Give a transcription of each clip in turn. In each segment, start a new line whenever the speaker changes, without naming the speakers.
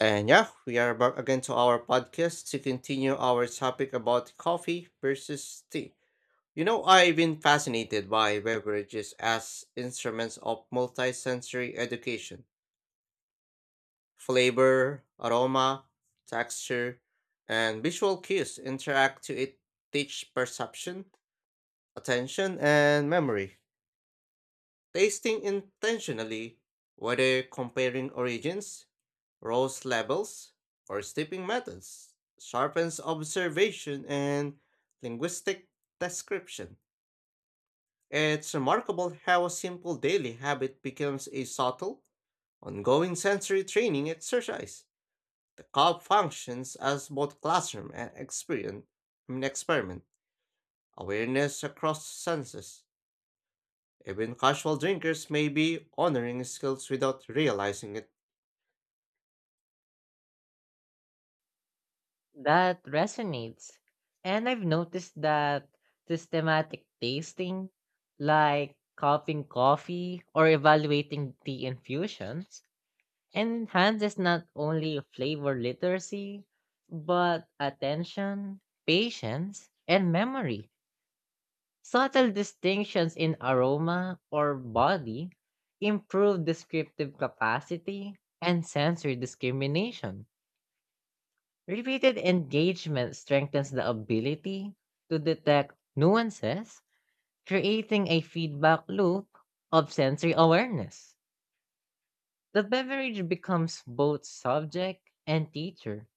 And yeah, we are back again to our podcast to continue our topic about coffee versus tea. You know, I've been fascinated by beverages as instruments of multisensory education. Flavor, aroma, texture, and visual cues interact to it teach perception, attention, and memory. Tasting intentionally, whether comparing origins, Rose levels, or steeping methods sharpens observation and linguistic description. It's remarkable how a simple daily habit becomes a subtle, ongoing sensory training exercise. The cup functions as both classroom and experience, I mean experiment, awareness across senses. Even casual drinkers may be honoring skills without realizing it.
That resonates. And I've noticed that systematic tasting, like cupping coffee or evaluating tea infusions, enhances not only flavor literacy, but attention, patience, and memory. Subtle distinctions in aroma or body improve descriptive capacity and sensory discrimination. Repeated engagement strengthens the ability to detect nuances, creating a feedback loop of sensory awareness. The beverage becomes both subject and teacher,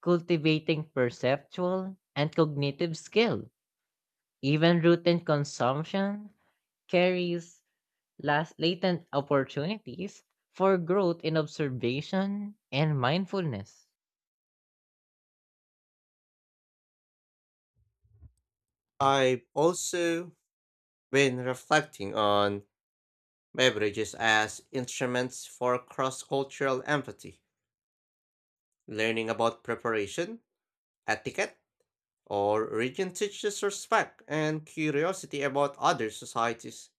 cultivating perceptual and cognitive skill. Even routine consumption carries last latent opportunities for growth in observation and mindfulness.
I've also been reflecting on beverages as instruments for cross cultural empathy. Learning about preparation, etiquette, or region teaches respect and curiosity about other societies.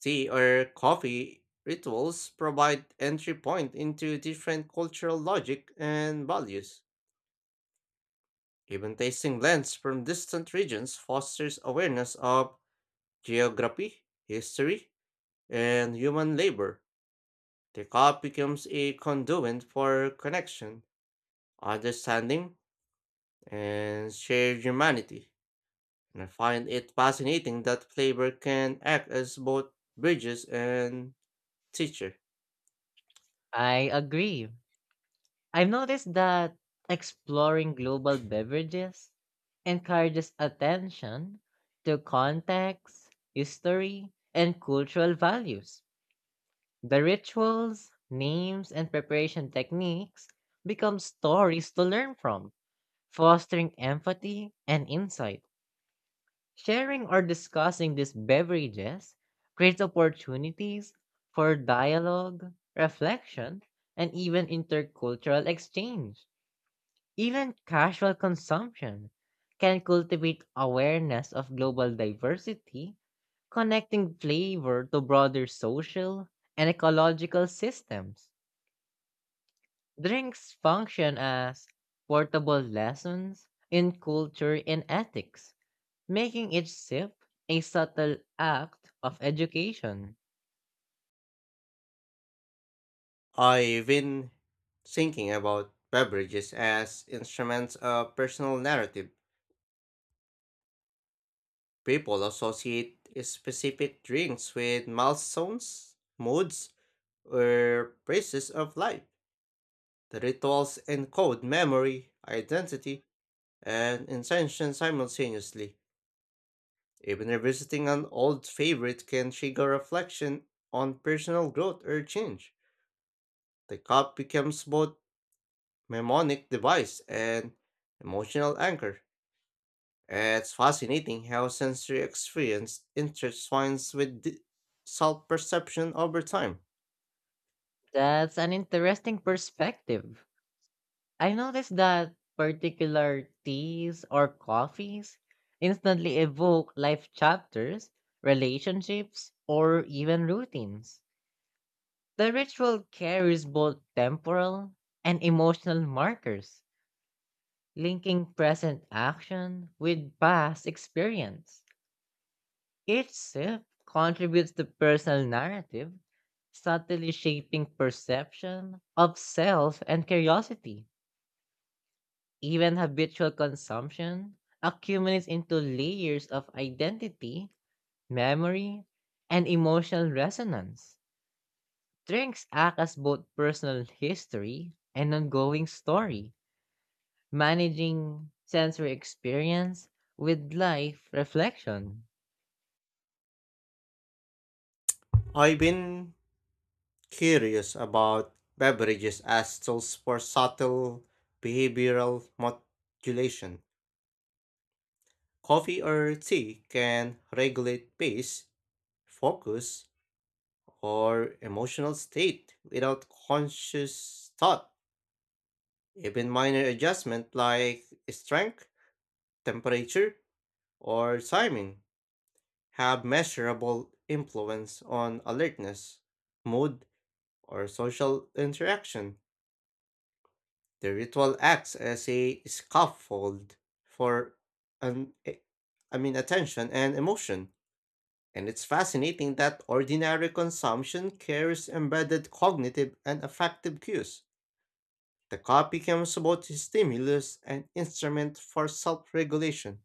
Tea or coffee rituals provide entry point into different cultural logic and values. Even tasting blends from distant regions fosters awareness of geography, history, and human labor. The cup becomes a conduit for connection, understanding, and shared humanity. And I find it fascinating that flavor can act as both bridges and teacher.
I agree. I've noticed that exploring global beverages encourages attention to context, history, and cultural values. The rituals, names, and preparation techniques become stories to learn from, fostering empathy and insight. Sharing or discussing these beverages creates opportunities for dialogue, reflection, and even intercultural exchange. Even casual consumption can cultivate awareness of global diversity, connecting flavor to broader social and ecological systems. Drinks function as portable lessons in culture and ethics, making each sip a subtle act of education.
I've been thinking about beverages as instruments of personal narrative. People associate specific drinks with milestones, moods, or phases of life. The rituals encode memory, identity, and intention simultaneously. Even revisiting an old favorite can trigger reflection on personal growth or change. The cup becomes both mnemonic device and emotional anchor. It's fascinating how sensory experience intertwines with the self-perception over time.
That's an interesting perspective. I noticed that particular teas or coffees instantly evoke life chapters, relationships, or even routines. The ritual carries both temporal and emotional markers, linking present action with past experience. Each sip contributes to personal narrative, subtly shaping perception of self and curiosity. Even habitual consumption accumulates into layers of identity, memory, and emotional resonance. Drinks act as both personal history and ongoing story, managing sensory experience with life reflection.
I've been curious about beverages as tools for subtle behavioral modulation. Coffee or tea can regulate pace, focus, or emotional state without conscious thought. Even minor adjustment like strength, temperature, or timing have measurable influence on alertness, mood, or social interaction. The ritual acts as a scaffold for an eh, I mean attention and emotion. And it's fascinating that ordinary consumption carries embedded cognitive and affective cues. The cop becomes both a stimulus and instrument for self regulation.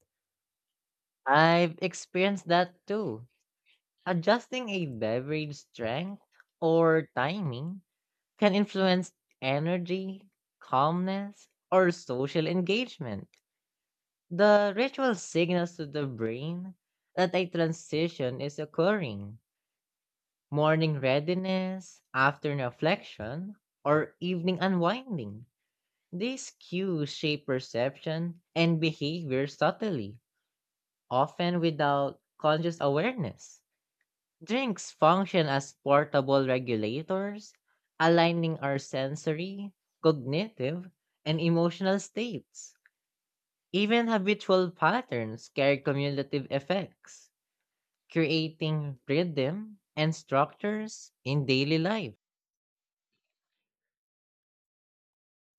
I've experienced that too. Adjusting a beverage strength or timing can influence energy, calmness, or social engagement. The ritual signals to the brain that a transition is occurring. Morning readiness, afternoon reflection, or evening unwinding. These cues shape perception and behavior subtly, often without conscious awareness. Drinks function as portable regulators, aligning our sensory, cognitive, and emotional states. Even habitual patterns carry cumulative effects, creating rhythm and structures in daily life.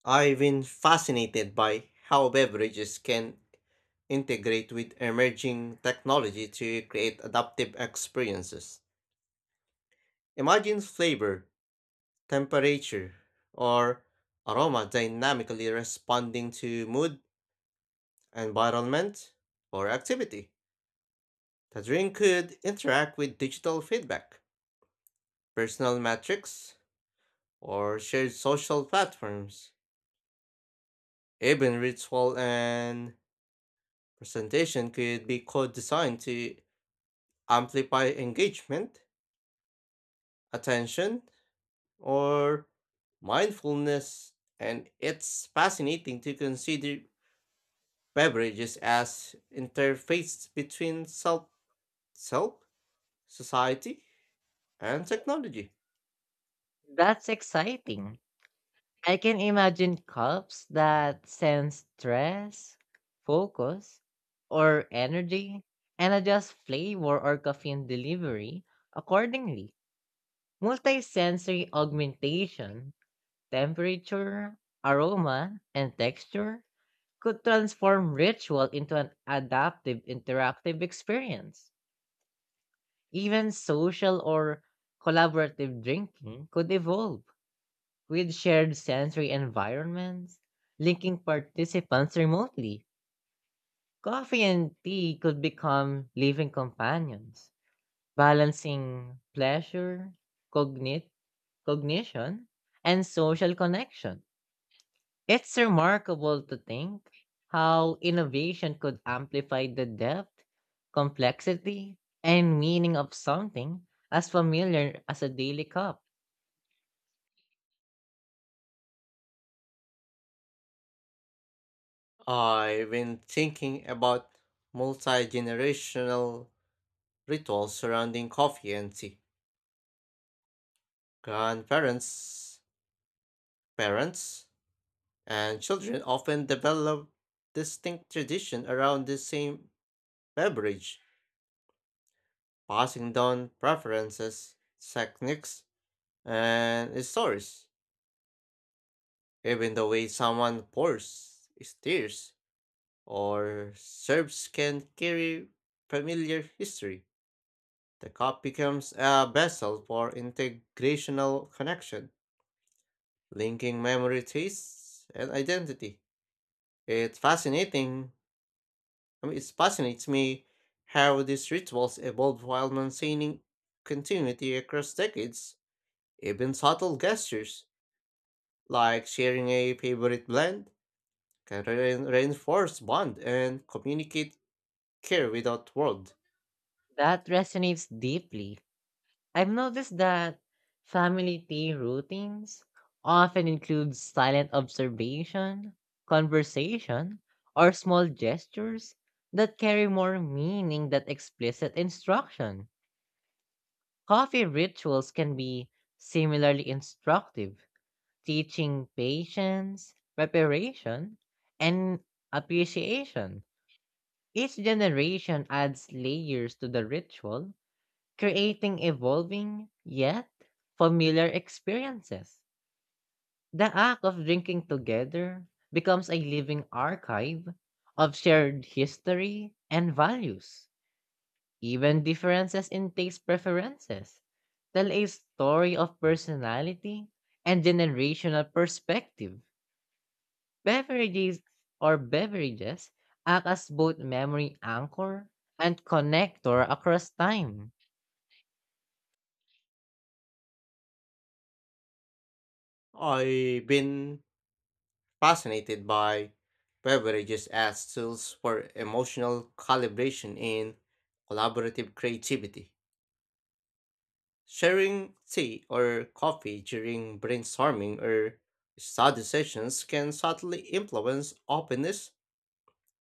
I've been fascinated by how beverages can integrate with emerging technology to create adaptive experiences. Imagine flavor, temperature, or aroma dynamically responding to mood, environment, or activity. The drink could interact with digital feedback, personal metrics, or shared social platforms. Even ritual and presentation could be co-designed to amplify engagement, attention, or mindfulness, and it's fascinating to consider beverages as interface between self, society, and technology.
That's exciting. I can imagine cups that sense stress, focus, or energy and adjust flavor or caffeine delivery accordingly. Multisensory augmentation, temperature, aroma, and texture could transform ritual into an adaptive interactive experience. Even social or collaborative drinking could evolve with shared sensory environments, linking participants remotely. Coffee and tea could become living companions, balancing pleasure, cognit- cognition, and social connection. It's remarkable to think how innovation could amplify the depth, complexity, and meaning of something as familiar as a daily cup.
I've been thinking about multi-generational rituals surrounding coffee and tea. Grandparents, parents, and children often develop distinct tradition around the same beverage, passing down preferences, techniques, and stories. Even the way someone pours, steers, or serves can carry familiar history. The cup becomes a vessel for integrational connection, linking memory, tastes, and identity. It's fascinating, I mean, it fascinates me how these rituals evolve while maintaining continuity across decades. Even subtle gestures, like sharing a favorite blend, can reinforce bond and communicate care without words.
That resonates deeply. I've noticed that family tea routines often include silent observation, conversation, or small gestures that carry more meaning than explicit instruction. Coffee rituals can be similarly instructive, teaching patience, preparation, and appreciation. Each generation adds layers to the ritual, creating evolving yet familiar experiences. The act of drinking together becomes a living archive of shared history and values. Even differences in taste preferences tell a story of personality and generational perspective. Beverages beverages act as both memory anchor and connector across time.
I've been fascinated by beverages as tools for emotional calibration in collaborative creativity. Sharing tea or coffee during brainstorming or study sessions can subtly influence openness,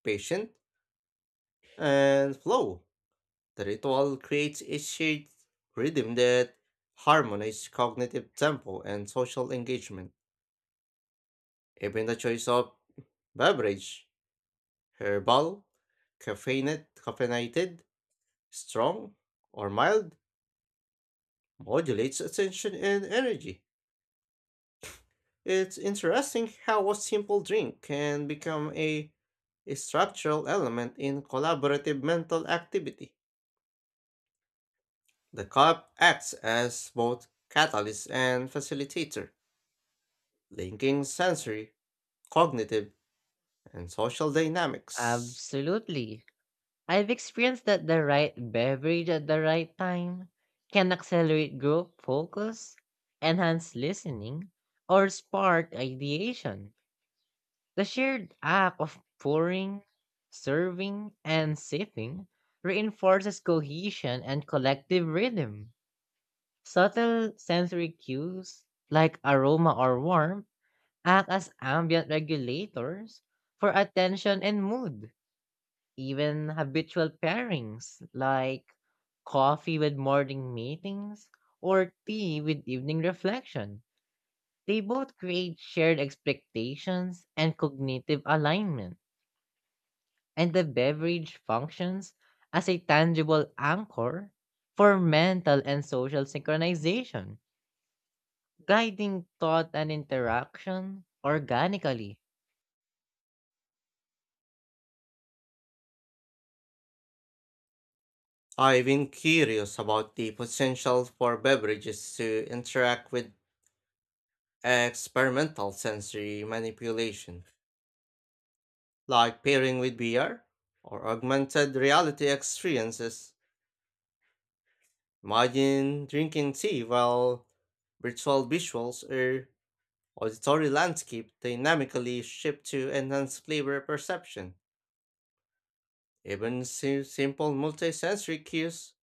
patience, and flow. The ritual creates a shared rhythm that harmonizes cognitive tempo and social engagement. Even the choice of beverage, herbal, caffeinated, strong, or mild, modulates attention and energy. It's interesting how a simple drink can become a structural element in collaborative mental activity. The cup acts as both catalyst and facilitator, linking sensory, cognitive, and social dynamics.
Absolutely. I've experienced that the right beverage at the right time can accelerate group focus, enhance listening, or spark ideation. The shared act of pouring, serving, and sipping reinforces cohesion and collective rhythm. Subtle sensory cues, like aroma or warmth, act as ambient regulators for attention and mood. Even habitual pairings, like coffee with morning meetings or tea with evening reflection, they both create shared expectations and cognitive alignment. And the beverage functions as a tangible anchor for mental and social synchronization, guiding thought and interaction organically.
I've been curious about the potential for beverages to interact with experimental sensory manipulation, like pairing with VR or augmented reality experiences. Imagine drinking tea while virtual visuals or auditory landscape dynamically shift to enhance flavor perception. Even simple multisensory cues,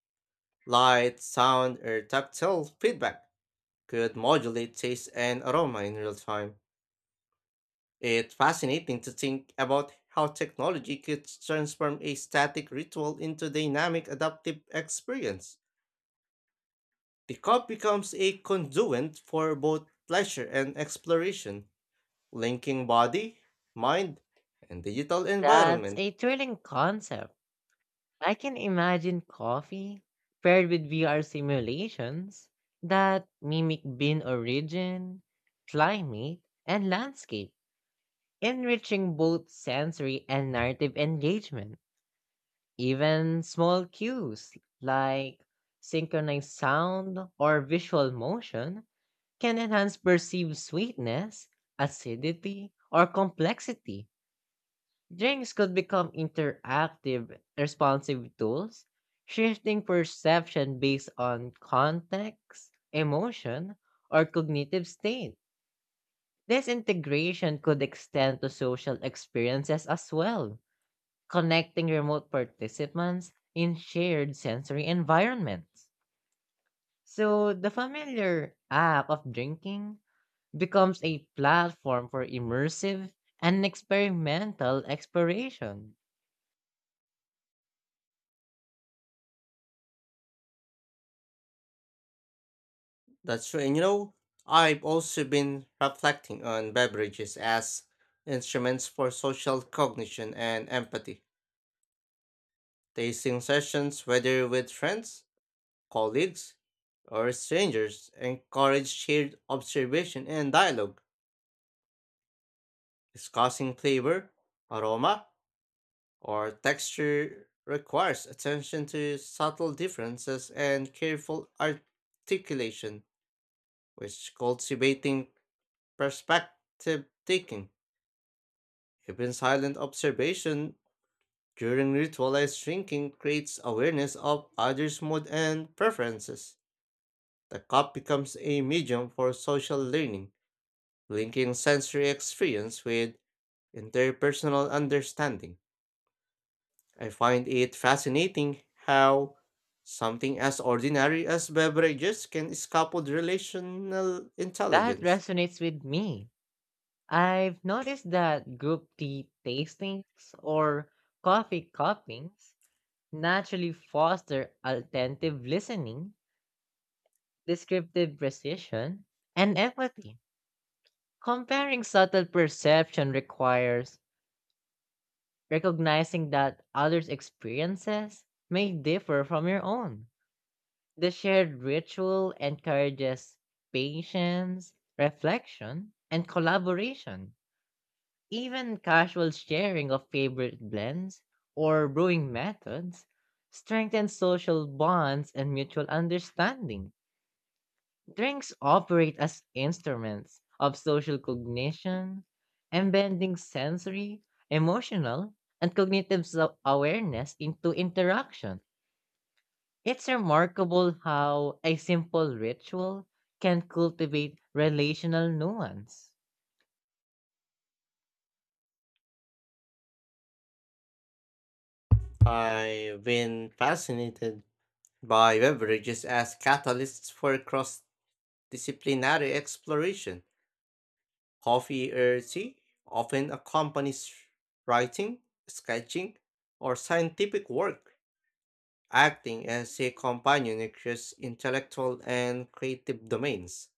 light, sound, or tactile feedback could modulate taste and aroma in real time. It's fascinating to think about how technology could transform a static ritual into dynamic adaptive experience. The cup becomes a conduit for both pleasure and exploration, linking body, mind, and digital
That's
environment.
a thrilling concept. I can imagine coffee paired with VR simulations that mimic bean origin, climate, and landscape, enriching both sensory and narrative engagement. Even small cues like synchronized sound or visual motion can enhance perceived sweetness, acidity, or complexity. Drinks could become interactive, responsive tools, shifting perception based on context, emotion, or cognitive state. This integration could extend to social experiences as well, connecting remote participants in shared sensory environments. So the familiar act of drinking becomes a platform for immersive and experimental exploration.
That's right. And you know, I've also been reflecting on beverages as instruments for social cognition and empathy. Tasting sessions, whether with friends, colleagues, or strangers, encourage shared observation and dialogue. Discussing flavor, aroma, or texture requires attention to subtle differences and careful articulation, which cultivating perspective taking. Even silent observation during ritualized drinking creates awareness of others' mood and preferences. The cup becomes a medium for social learning, linking sensory experience with interpersonal understanding. I find it fascinating how something as ordinary as beverages can scaffold relational
That
intelligence.
resonates with me. I've noticed that group tea tastings or coffee cuppings naturally foster attentive listening, descriptive precision, and empathy. Comparing subtle perception requires recognizing that others' experiences may differ from your own. The shared ritual encourages patience, reflection, and collaboration. Even casual sharing of favorite blends or brewing methods strengthens social bonds and mutual understanding. Drinks operate as instruments of social cognition, embedding sensory, emotional, and cognitive self awareness into interaction. It's remarkable how a simple ritual can cultivate relational nuance.
I've been fascinated by beverages as catalysts for cross disciplinary exploration. Coffee or tea often accompanies writing, sketching, or scientific work, acting as a companion across intellectual and creative domains.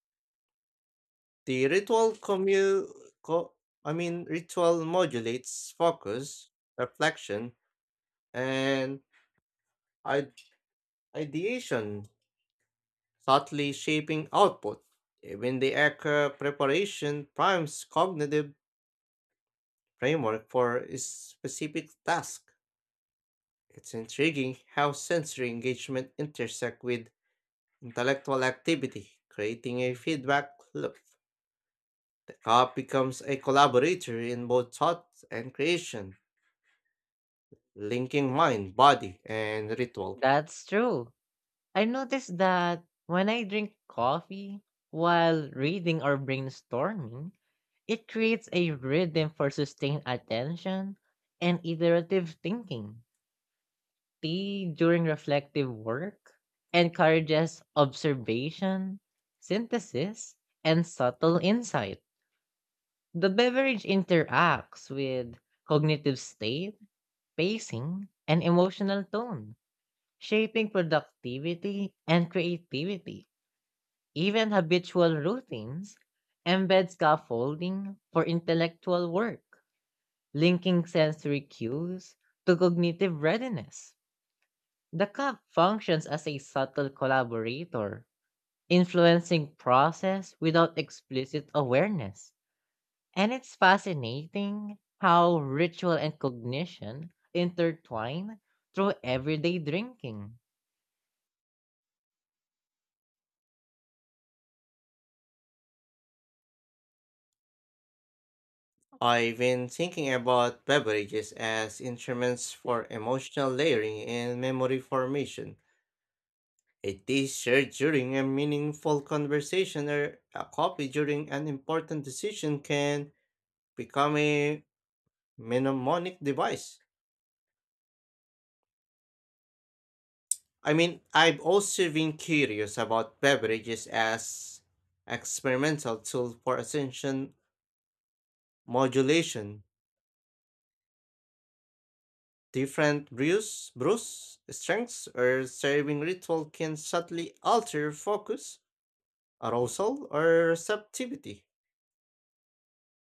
The co- I mean ritual modulates focus, reflection, and id- ideation, subtly shaping output. Even the acre preparation primes cognitive framework for a specific task. It's intriguing how sensory engagement intersect with intellectual activity, creating a feedback loop. The cup becomes a collaborator in both thought and creation, linking mind, body, and ritual.
That's true. I noticed that when I drink coffee while reading or brainstorming, it creates a rhythm for sustained attention and iterative thinking. Tea during reflective work encourages observation, synthesis, and subtle insight. The beverage interacts with cognitive state, pacing, and emotional tone, shaping productivity and creativity. Even habitual routines embed scaffolding for intellectual work, linking sensory cues to cognitive readiness. The cup functions as a subtle collaborator, influencing process without explicit awareness. And it's fascinating how ritual and cognition intertwine through everyday drinking.
I've been thinking about beverages as instruments for emotional layering and memory formation. A tea shared during a meaningful conversation or a coffee during an important decision can become a mnemonic device. I mean, I've also been curious about beverages as experimental tool for attention modulation. Different brews, strengths, or serving ritual can subtly alter focus, arousal, or receptivity.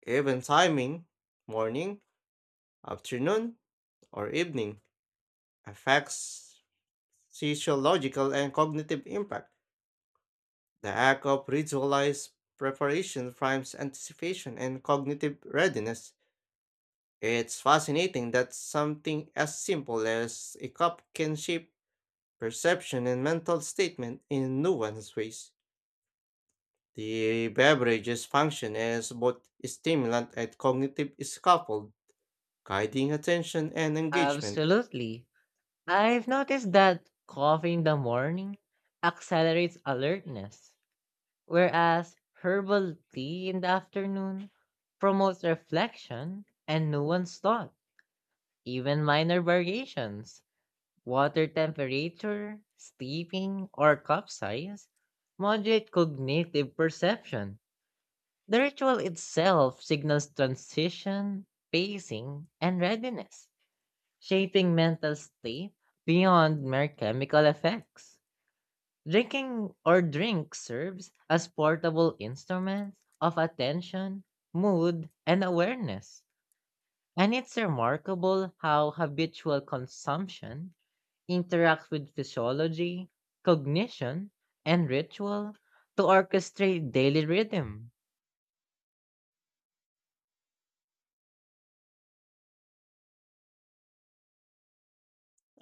Even timing, morning, afternoon, or evening, affects physiological and cognitive impact. The act of ritualized preparation primes anticipation and cognitive readiness. It's fascinating that something as simple as a cup can shape perception and mental statement in nuanced ways. The beverages function as both stimulant and cognitive scaffold, guiding attention and engagement.
Absolutely. I've noticed that coffee in the morning accelerates alertness, whereas herbal tea in the afternoon promotes reflection and nuanced thought, even minor variations. Water temperature, steeping, or cup size modulate cognitive perception. The ritual itself signals transition, pacing, and readiness, shaping mental state beyond mere chemical effects. Drink serves as portable instruments of attention, mood, and awareness. And it's remarkable how habitual consumption interacts with physiology, cognition, and ritual to orchestrate daily rhythm.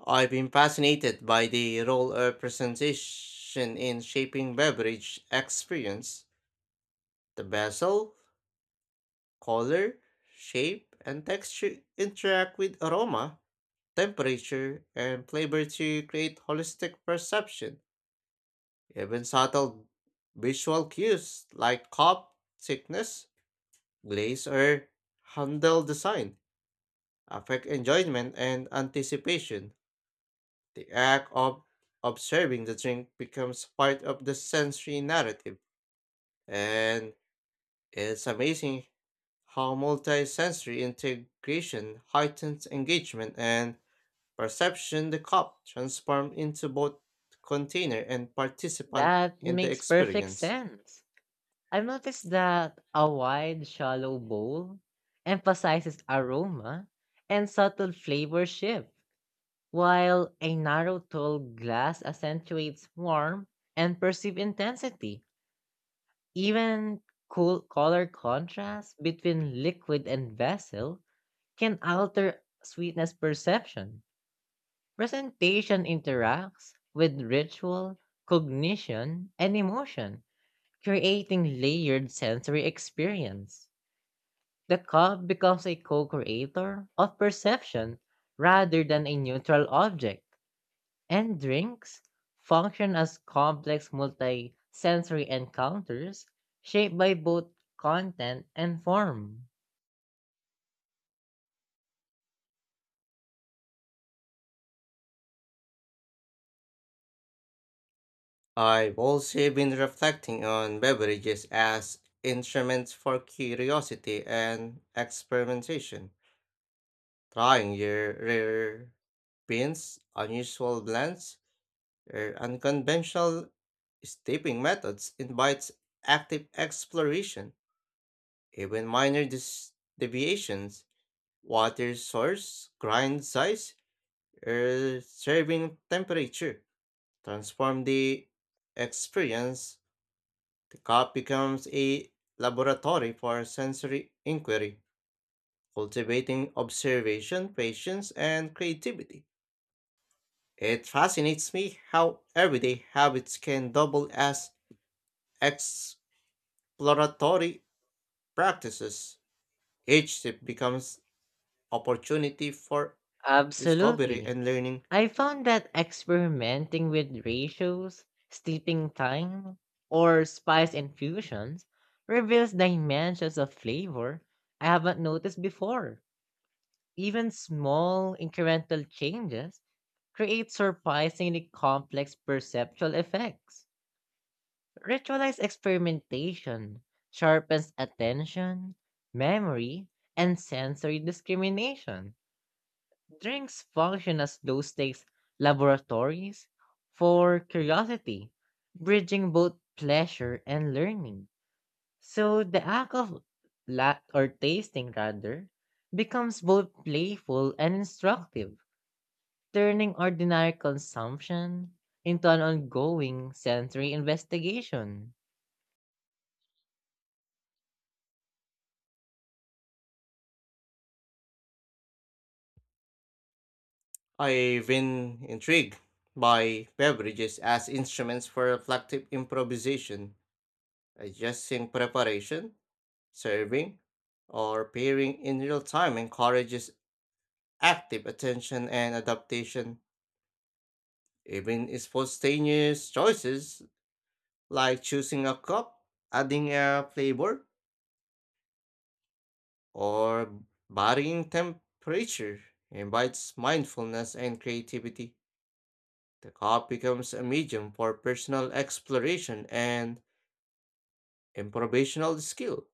I've been fascinated by the role of presentation in shaping beverage experience. The vessel, color, shape, and texture interact with aroma, temperature, and flavor to create holistic perception. Even subtle visual cues like cup thickness, glaze, or handle design affect enjoyment and anticipation. The act of observing the drink becomes part of the sensory narrative, and it's amazing how multi-sensory integration heightens engagement and perception. The cup transforms into both container and participant
That
in the
makes perfect
experience.
sense. I've noticed that a wide, shallow bowl emphasizes aroma and subtle flavor shift, while a narrow, tall glass accentuates warmth and perceived intensity. Even cool color contrast between liquid and vessel can alter sweetness perception. Presentation interacts with ritual, cognition, and emotion, creating layered sensory experience. The cup becomes a co creator of perception rather than a neutral object, and drinks function as complex multi sensory encounters shaped by both content and form.
I've also been reflecting on beverages as instruments for curiosity and experimentation. Trying your rare beans, unusual blends, or unconventional steeping methods invites active exploration. Even minor deviations, water source, grind size, or serving temperature transform the experience. The cup becomes a laboratory for sensory inquiry, cultivating observation, patience, and creativity. It fascinates me how everyday habits can double as exploratory practices. Each sip becomes opportunity for discovery
Absolutely.
and learning.
I found that experimenting with ratios, steeping time, or spice infusions reveals dimensions of flavor I haven't noticed before. Even small incremental changes create surprisingly complex perceptual effects. Ritualized experimentation sharpens attention, memory, and sensory discrimination. Drinks function as low stakes laboratories for curiosity, bridging both pleasure and learning. So the act of la- or tasting rather becomes both playful and instructive, turning ordinary consumption into an ongoing sensory investigation.
I've been intrigued by beverages as instruments for reflective improvisation. Adjusting preparation, serving, or pairing in real time encourages active attention and adaptation. Even spontaneous choices like choosing a cup, adding a flavor, or varying temperature invites mindfulness and creativity. The cup becomes a medium for personal exploration and improvisational skill.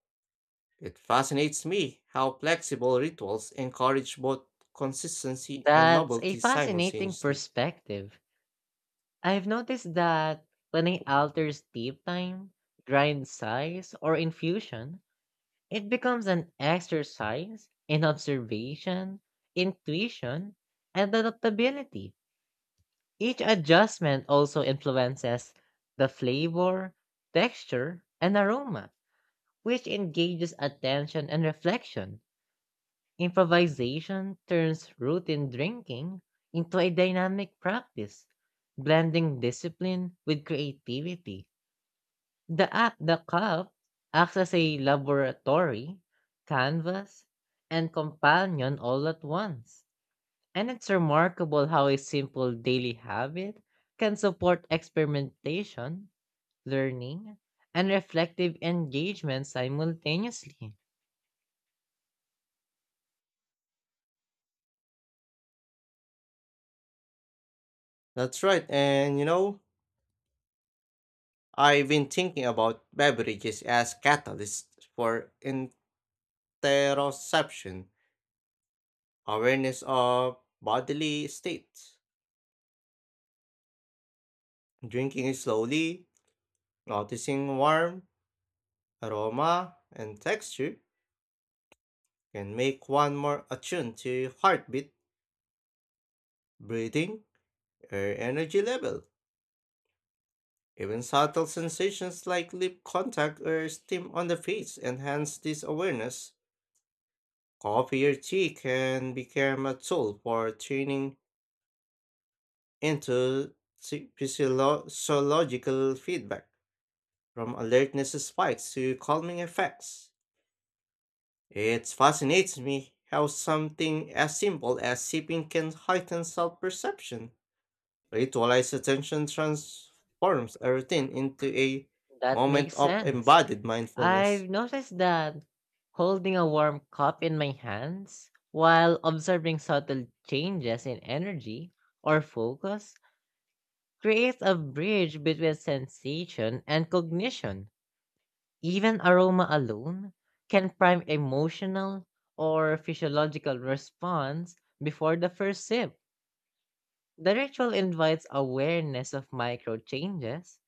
It fascinates me how flexible rituals encourage both consistency and
That's a
novelty
fascinating
simultaneously.
perspective. I've noticed that when I alter steep time, grind size, or infusion, it becomes an exercise in observation, intuition, and adaptability. Each adjustment also influences the flavor, texture, and aroma, which engages attention and reflection. Improvisation turns routine drinking into a dynamic practice, blending discipline with creativity. The cup acts as a laboratory, canvas, and companion all at once. And it's remarkable how a simple daily habit can support experimentation, learning, and reflective engagement simultaneously.
That's right, and you know, I've been thinking about beverages as catalysts for interoception, awareness of bodily states. Drinking it slowly, noticing warmth, aroma, and texture can make one more attuned to heartbeat, breathing, or energy level. Even subtle sensations like lip contact or steam on the face enhance this awareness. Coffee or tea can become a tool for tuning into physiological feedback, from alertness spikes to calming effects. It fascinates me how something as simple as sipping can heighten self perception. Ritualized attention transforms a routine into a
That
moment
makes
of
sense.
embodied
I've
mindfulness.
noticed that holding a warm cup in my hands while observing subtle changes in energy or focus creates a bridge between sensation and cognition. Even aroma alone can prime emotional or physiological response before the first sip. The ritual invites awareness of micro changes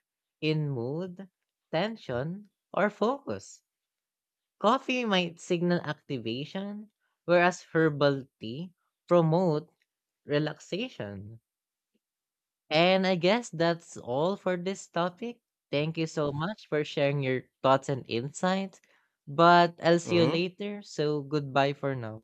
in mood, tension, or focus. Coffee might signal activation, whereas herbal tea promote relaxation. And I guess that's all for this topic. Thank you so much for sharing your thoughts and insights. But I'll see you
Mhm.
later. So goodbye for now.